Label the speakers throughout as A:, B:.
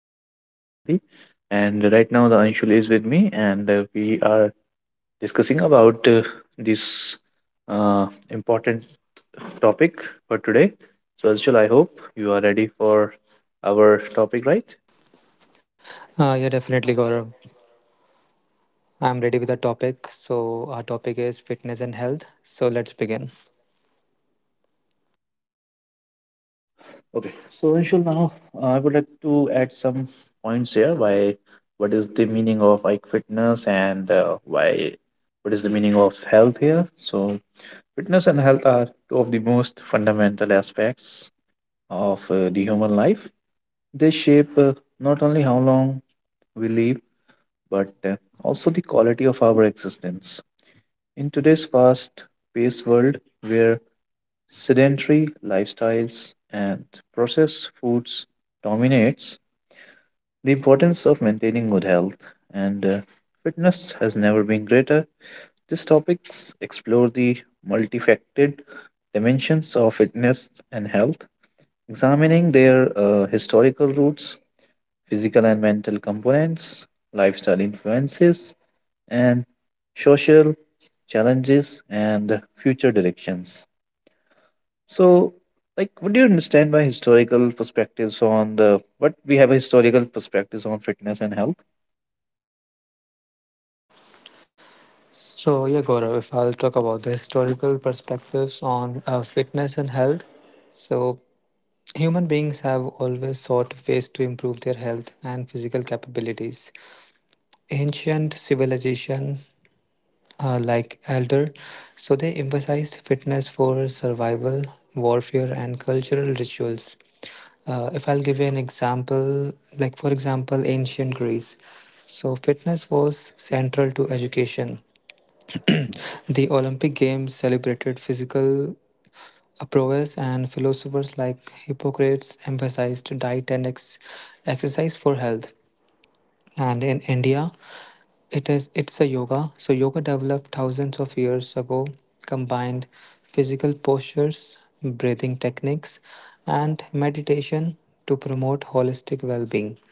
A: keep us so healthy? And right now, the Anshul is with me, and we are discussing about this important topic for today. So, Anshul, I hope you are ready for our topic, right?
B: Yeah, definitely, Gaurav. I'm ready with the topic. So, our topic is fitness and health. So, let's begin.
A: Okay. So, Anshul, now I would like to add some points here. Why? What is the meaning of like fitness and why? What is the meaning of health here? So, fitness and health are two of the most fundamental aspects of the human life. They shape not only how long we live, but also the quality of our existence. In today's fast paced world where sedentary lifestyles and processed foods dominates, the importance of maintaining good health and fitness has never been greater. These topics explore the multifaceted dimensions of fitness and health, examining their historical roots, physical and mental components, lifestyle influences, and social challenges and future directions. So, like, what do you understand by historical perspectives on the what we have historical perspectives on fitness and health?
B: So, yeah, Gaurav, if I'll talk about the historical perspectives on fitness and health. So, human beings have always sought ways to improve their health and physical capabilities. Ancient civilization like Elder. So they emphasized fitness for survival, warfare, and cultural rituals. If I'll give you an example, like for example, ancient Greece. So fitness was central to education. The Olympic Games celebrated physical prowess, and philosophers like Hippocrates emphasized diet and exercise for health. And in India, it's a yoga. So yoga developed thousands of years ago, combined physical postures, breathing techniques, and meditation to promote holistic well-being.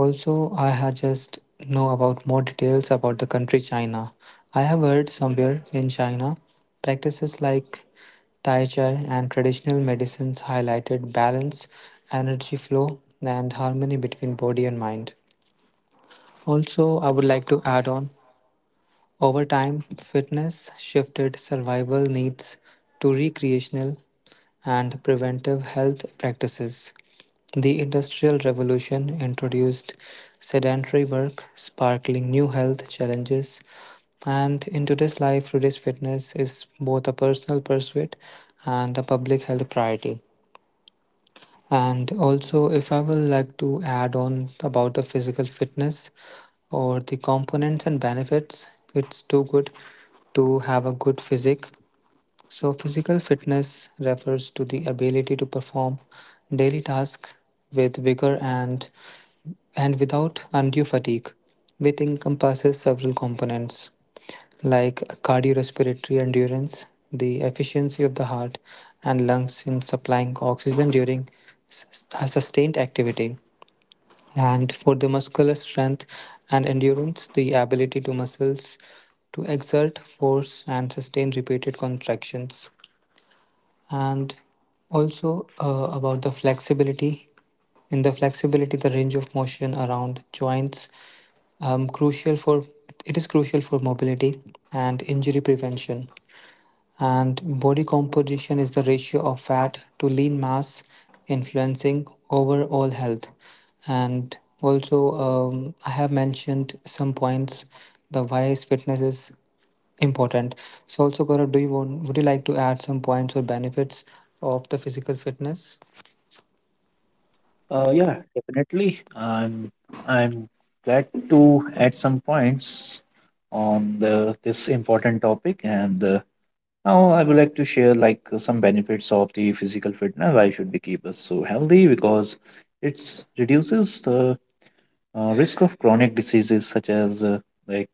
B: Also, I had just know about more details about the country China. I have heard somewhere in China, practices like Tai Chi and traditional medicines highlighted balance, energy flow, and harmony between body and mind. Also, I would like to add on over time, fitness shifted survival needs to recreational and preventive health practices. The Industrial Revolution introduced sedentary work, sparkling new health challenges. And in today's life, today's fitness is both a personal pursuit and a public health priority. And also, if I will like to add on about the physical fitness or the components and benefits, it's too good to have a good physique. So physical fitness refers to the ability to perform daily tasks with vigor and without undue fatigue, which encompasses several components like cardiorespiratory endurance, the efficiency of the heart and lungs in supplying oxygen during a sustained activity, and for the muscular strength and endurance, the ability to muscles to exert force and sustain repeated contractions, and also about the flexibility. In the flexibility, the range of motion around joints crucial for it is crucial for mobility and injury prevention. And body composition is the ratio of fat to lean mass, influencing overall health. And also, I have mentioned some points the wise fitness is important. So also Gaurav, do you want would you like to add some points or benefits of the physical fitness?
A: Yeah, definitely. I'm glad to add some points on the this important topic, and now I would like to share like some benefits of the physical fitness. Why should we keep us so healthy? Because it reduces the risk of chronic diseases such as like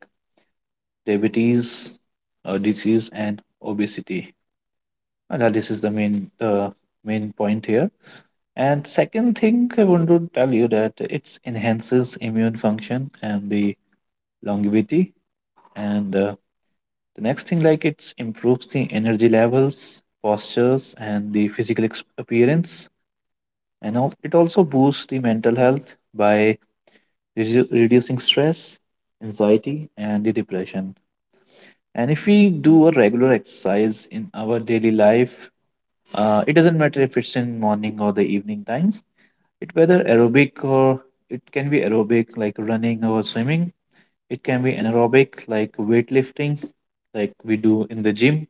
A: diabetes disease and obesity. And now this is the main point here, and second thing I want to tell you that it enhances immune function and the longevity, and the next thing, like, it improves the energy levels, postures and the physical appearance, and it also boosts the mental health by reducing stress, anxiety and the depression. And if we do a regular exercise in our daily life, it doesn't matter if it's in morning or the evening time. It whether aerobic or it can be aerobic like running or swimming. It can be anaerobic like weightlifting, like we do in the gym.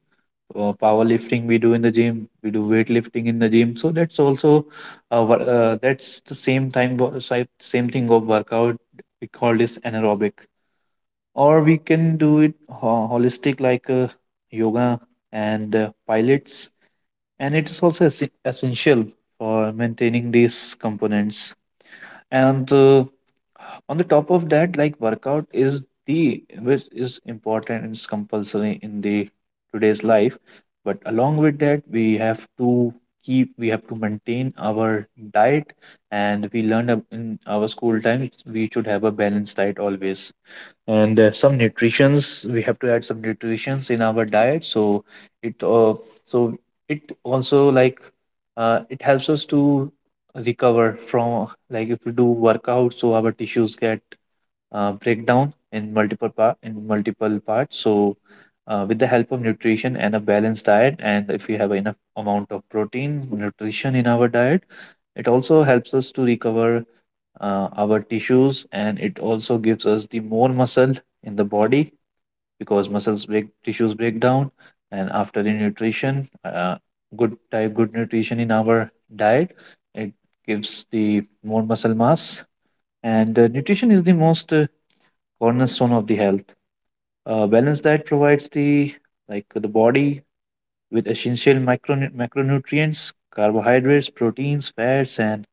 A: Or powerlifting we do in the gym. We do weightlifting in the gym. So that's also that's the same time go- si- same thing of workout. We call this anaerobic or we can do it holistic like yoga and pilates, and it is also essential for maintaining these components, and on the top of that, like, workout is the which is important, and it's compulsory in the today's life. But along with that, we have to maintain our diet. And we learned in our school times we should have a balanced diet always. And some nutritions, we have to add some nutritions in our diet. So it so it also like it helps us to recover from, like, if we do workout, so our tissues get breakdown in multiple parts. So, with the help of nutrition and a balanced diet, and if we have enough amount of protein, nutrition in our diet, it also helps us to recover our tissues, and it also gives us the more muscle in the body, because muscles break tissues break down, and after the nutrition, good nutrition in our diet, it gives the more muscle mass. And nutrition is the most cornerstone of the health. A balanced diet provides the, like, the body with essential micron macronutrients, carbohydrates, proteins, fats, and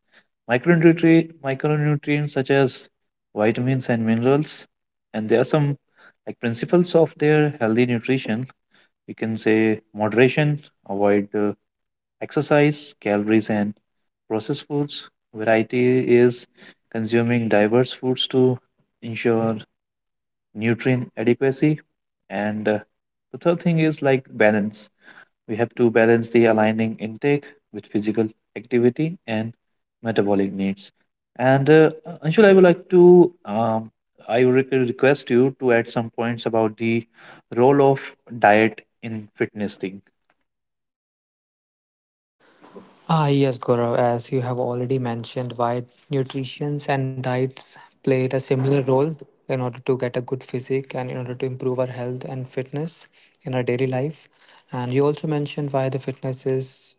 A: micronutrients such as vitamins and minerals. And there are some, like, principles of their healthy nutrition. We can say moderation, avoid exercise, calories, and processed foods. Variety is consuming diverse foods to ensure nutrient adequacy. And the third thing is like balance. We have to balance the aligning intake with physical activity and metabolic needs. And Anshul, I would like to, request you to add some points about the role of diet in fitness thing.
B: Ah yes, Gaurav, as you have already mentioned, why nutrition and diets played a similar role in order to get a good physique and in order to improve our health and fitness in our daily life. And you also mentioned why the fitness is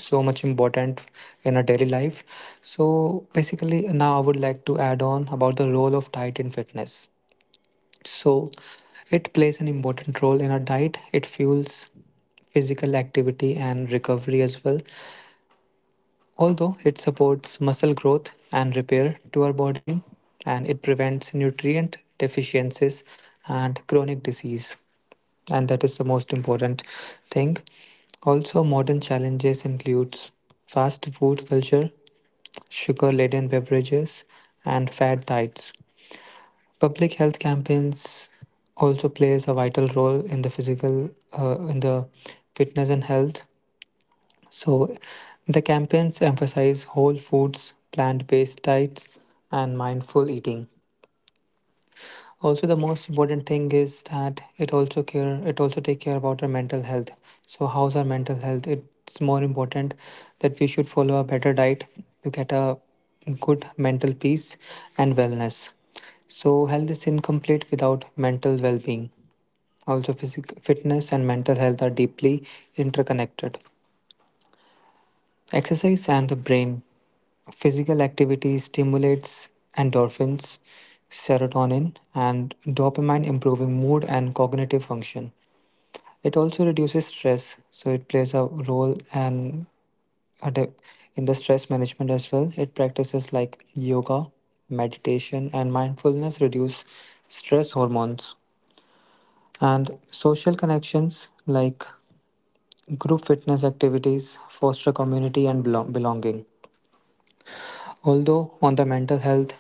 B: so much important in our daily life. So basically now I would like to add on about the role of diet in fitness. So it plays an important role in our diet. It fuels physical activity and recovery as well. Although it supports muscle growth and repair to our body, and it prevents nutrient deficiencies and chronic disease. And that is the most important thing. Also, modern challenges includes fast food culture, sugar-laden beverages, and fat diets. Public health campaigns also plays a vital role in the physical in the fitness and health. So the campaigns emphasize whole foods, plant-based diets, and mindful eating. Also, the most important thing is that it also take care about our mental health. So, how's our mental health? It's more important that we should follow a better diet to get a good mental peace and wellness. So, health is incomplete without mental well being. Also, physical fitness and mental health are deeply interconnected. Exercise and the brain. Physical activity stimulates endorphins, serotonin, and dopamine, improving mood and cognitive function. It also reduces stress, so it plays a role and a de- in the stress management as well. It practices like yoga, meditation, and mindfulness reduce stress hormones. And social connections like group fitness activities foster community and belonging. Although on the mental health,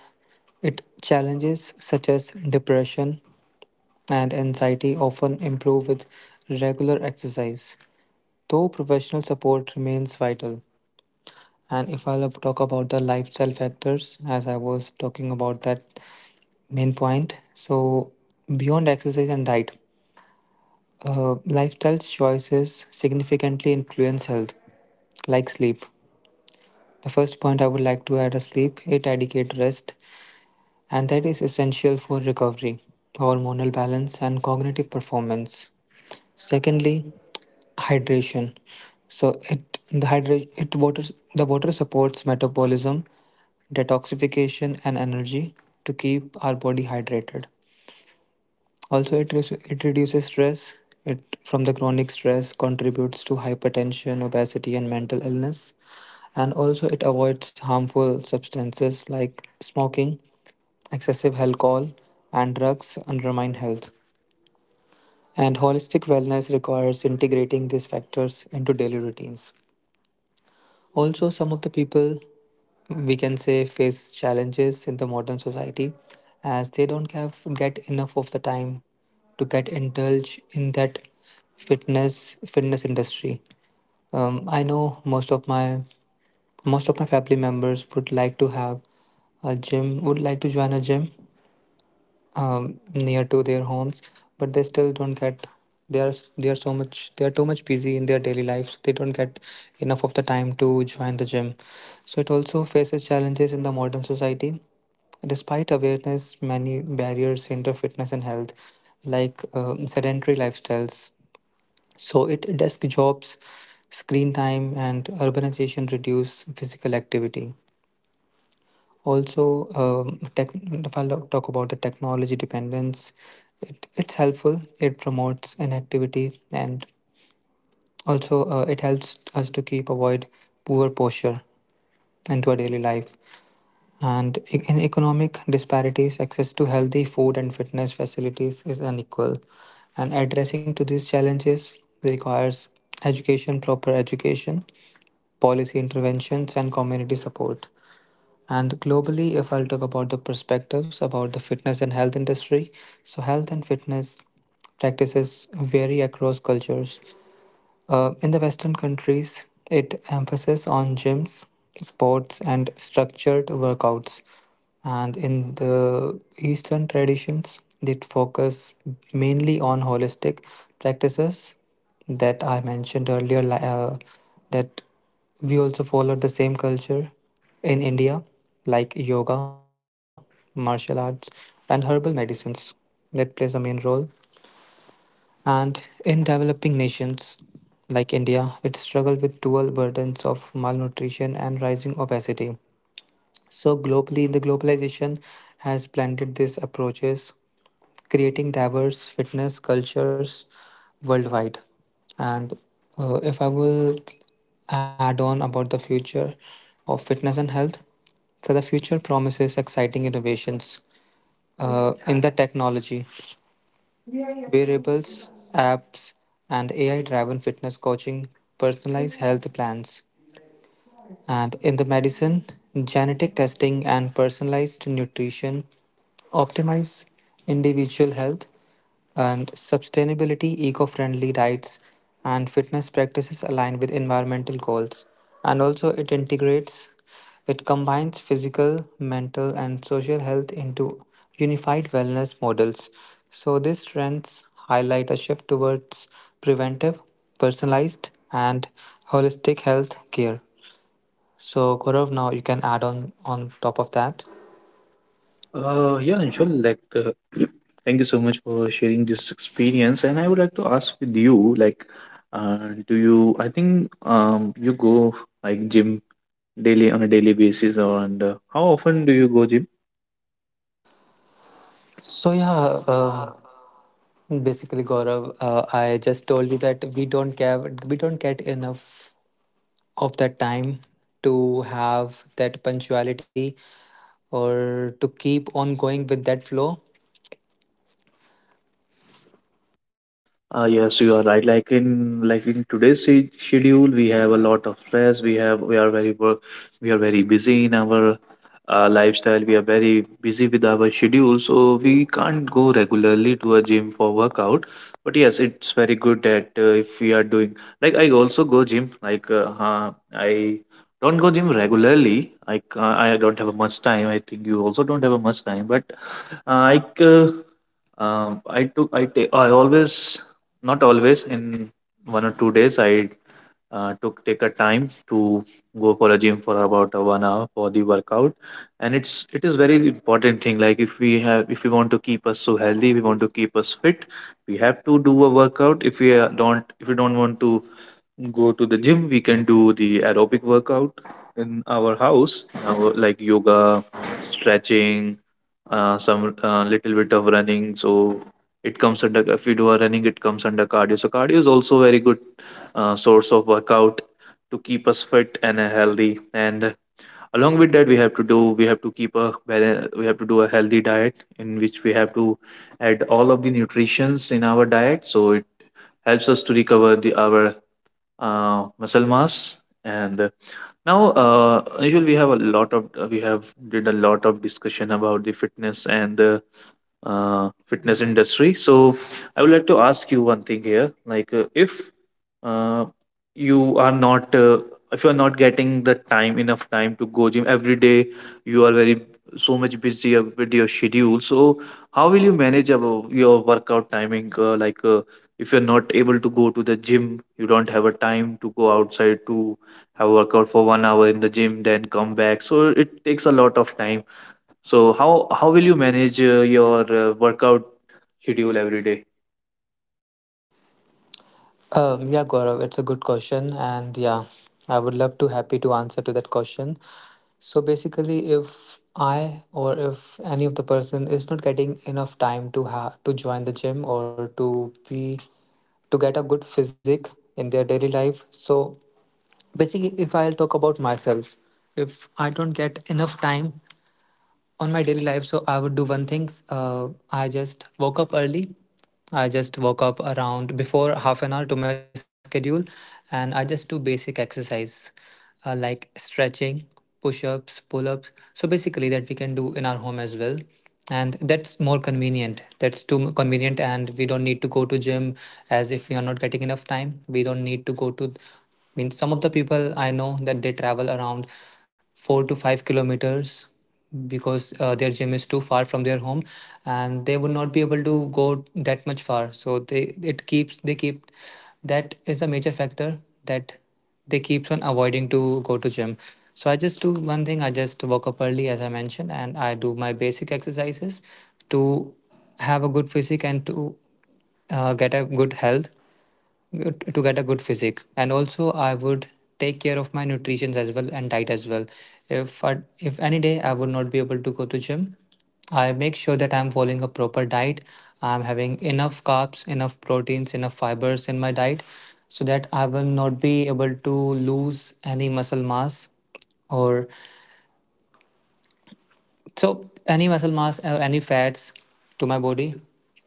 B: it challenges such as depression and anxiety often improve with regular exercise, though professional support remains vital. And if I'll talk about the lifestyle factors, as I was talking about that main point, so beyond exercise and diet, lifestyle choices significantly influence health like sleep. The first point I would like to add is sleep. It adequate rest and that is essential for recovery, hormonal balance, and cognitive performance. Secondly, hydration. So it the hydration it water The water supports metabolism, detoxification, and energy to keep our body hydrated. Also, it reduces stress. It from the chronic stress contributes to hypertension, obesity, and mental illness. And also, it avoids harmful substances like smoking, excessive alcohol, and drugs undermine health, and holistic wellness requires integrating these factors into daily routines. Also, some of the people we can say face challenges in the modern society as they don't have get enough of the time to get indulge in that fitness industry. I know most of my family members would like to join a gym near to their homes, but they still don't get. They are so much they are too much busy in their daily lives. So they don't get enough of the time to join the gym. So it also faces challenges in the modern society. Despite awareness, many barriers hinder fitness and health, like sedentary lifestyles. So it desk jobs, screen time, and urbanization reduce physical activity. Also, if I talk about the technology dependence, it's helpful. It promotes inactivity and also it helps us to keep avoid poor posture into our daily life. And in economic disparities, access to healthy food and fitness facilities is unequal. And addressing to these challenges requires proper education, policy interventions, and community support. And globally, if I'll talk about the perspectives about the fitness and health industry, so health and fitness practices vary across cultures. In the Western countries, it emphasis on gyms, sports, and structured workouts. And in the Eastern traditions, it focus mainly on holistic practices that I mentioned earlier. That we also follow the same culture in India, like yoga, martial arts, and herbal medicines that plays a main role. And in developing nations like India, it struggled with dual burdens of malnutrition and rising obesity. So globally, the globalization has blended these approaches, creating diverse fitness cultures worldwide. And if I will add on about the future of fitness and health, so the future promises exciting innovations in the technology. Wearables, apps, and AI driven fitness coaching personalize health plans, and in the medicine, genetic testing and personalized nutrition optimize individual health and sustainability, eco friendly diets, and fitness practices aligned with environmental goals. And also, it integrates, it combines physical, mental, and social health into unified wellness models. So, these trends highlight a shift towards preventive, personalized, and holistic health care. So Gaurav, now you can add on top of that.
A: Yeah, Anshul, like, thank you so much for sharing this experience. And I would like to ask with you, like, uh, do you? I think you go, like, gym daily on a daily basis, and how often do you go gym?
B: So yeah, basically Gaurav, I just told you that we don't care, we don't get enough of that time to have that punctuality or to keep on going with that flow.
A: Yes, you are right. Like in today's schedule, we have a lot of stress. We are very work, we are very busy in our lifestyle. We are very busy with our schedule, so we can't go regularly to a gym for workout. But yes, it's very good that if we are doing, like, I also go gym. Like I don't go gym regularly. I don't have much time. I think you also don't have much time. But uh, I. c- I took I take I always not always. In 1 or 2 days, I took take a time to go for a gym for about a 1 hour for the workout. And it is very important thing, like, if we have, if we want to keep us so healthy, we want to keep us fit, we have to do a workout. If we don't if we don't want to go to the gym, we can do the aerobic workout in our house our, like yoga, stretching, some little bit of running. So it comes under, if you do a running, it comes under cardio. So cardio is also very good source of workout to keep us fit and healthy. And along with that, we have to we have to do a healthy diet in which we have to add all of the nutritions in our diet. So it helps us to recover the our muscle mass. And now usually we have a lot of we have did a lot of discussion about the fitness and the fitness industry. So I would like to ask you one thing here, like if uh, you are not if you are not getting the time enough time to go gym every day, you are very so much busy with your schedule. So how will you manage about your workout timing like if you're not able to go to the gym, you don't have a time to go outside to have a workout for 1 hour in the gym, then come back. So it takes a lot of time. So how will you manage your workout schedule every day?
B: Yeah, Gaurav, it's a good question, and yeah, I would love to happy to answer to that question. So basically, if I or if any of the person is not getting enough time to ha to join the gym or to be to get a good physique in their daily life, so basically, if I'll talk about myself, if I don't get enough time on my daily life, so I would do one thing. I just woke up early, I just woke up around before half an hour to my schedule, and I just do basic exercise like stretching, push-ups, pull-ups, so basically that we can do in our home as well, and that's more convenient, convenient, and we don't need to go to gym. As if we are not getting enough time, we don't need to go to, I mean, some of the people I know that they travel around 4 to 5 kilometers because their gym is too far from their home and they would not be able to go that much far, so they keep, that is a major factor, that they keeps on avoiding to go to gym. So I just do one thing, I just woke up early as I mentioned and I do my basic exercises to have a good physique and to get a good health, to get a good physique, and also I would take care of my nutrition as well and diet as well. If any day I would not be able to go to gym, I make sure that I'm following a proper diet, I'm having enough carbs, enough proteins, enough fibers in my diet, so that I will not be able to lose any muscle mass or, so any muscle mass or any fats to my body,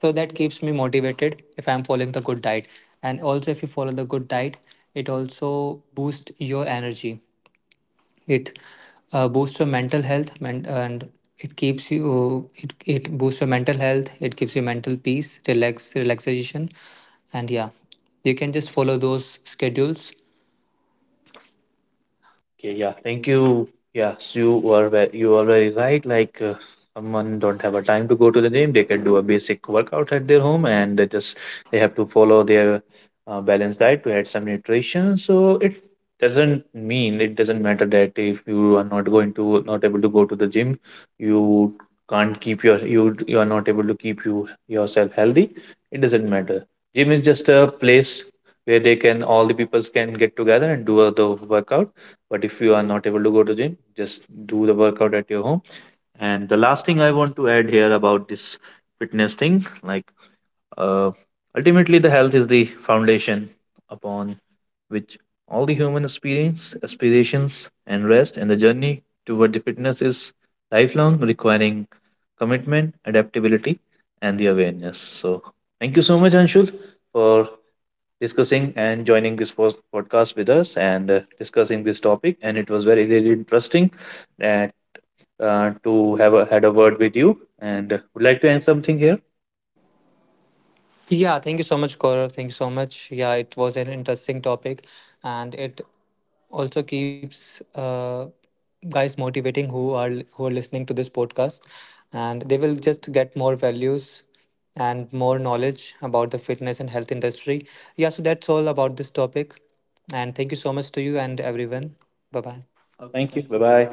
B: so that keeps me motivated if I'm following the good diet. And also, if you follow the good diet, it also boosts your energy. It boosts your mental health, and it keeps you. It boosts your mental health. It gives you mental peace, relax, relaxation, and yeah, you can just follow those schedules.
A: Okay, yeah, thank you. Yes, you are you are very right. Like someone don't have a time to go to the gym, they can do a basic workout at their home, and they have to follow their balanced diet to add some nutrition. So it doesn't matter that if you are not going to not able to go to the gym, you can't keep your you you are not able to keep you yourself healthy. It doesn't matter. Gym is just a place where they can all the peoples can get together and do the workout. But if you are not able to go to gym, just do the workout at your home. And the last thing I want to add here about this fitness thing, like uh, ultimately the health is the foundation upon which all the human experience, aspirations and rest, and the journey toward the fitness is lifelong, requiring commitment, adaptability and the awareness. So thank you so much, Anshul, for discussing and joining this first podcast with us, and discussing this topic. And it was very, really interesting that, to have a, had a word with you. And would like to end something here.
B: Yeah, thank you so much, Gaurav. Thank you so much. Yeah, it was an interesting topic, and it also keeps guys motivating who are listening to this podcast, and they will just get more values and more knowledge about the fitness and health industry. Yeah, so that's all about this topic, and thank you so much to you and everyone. Bye bye.
A: Okay, thank you. Bye bye.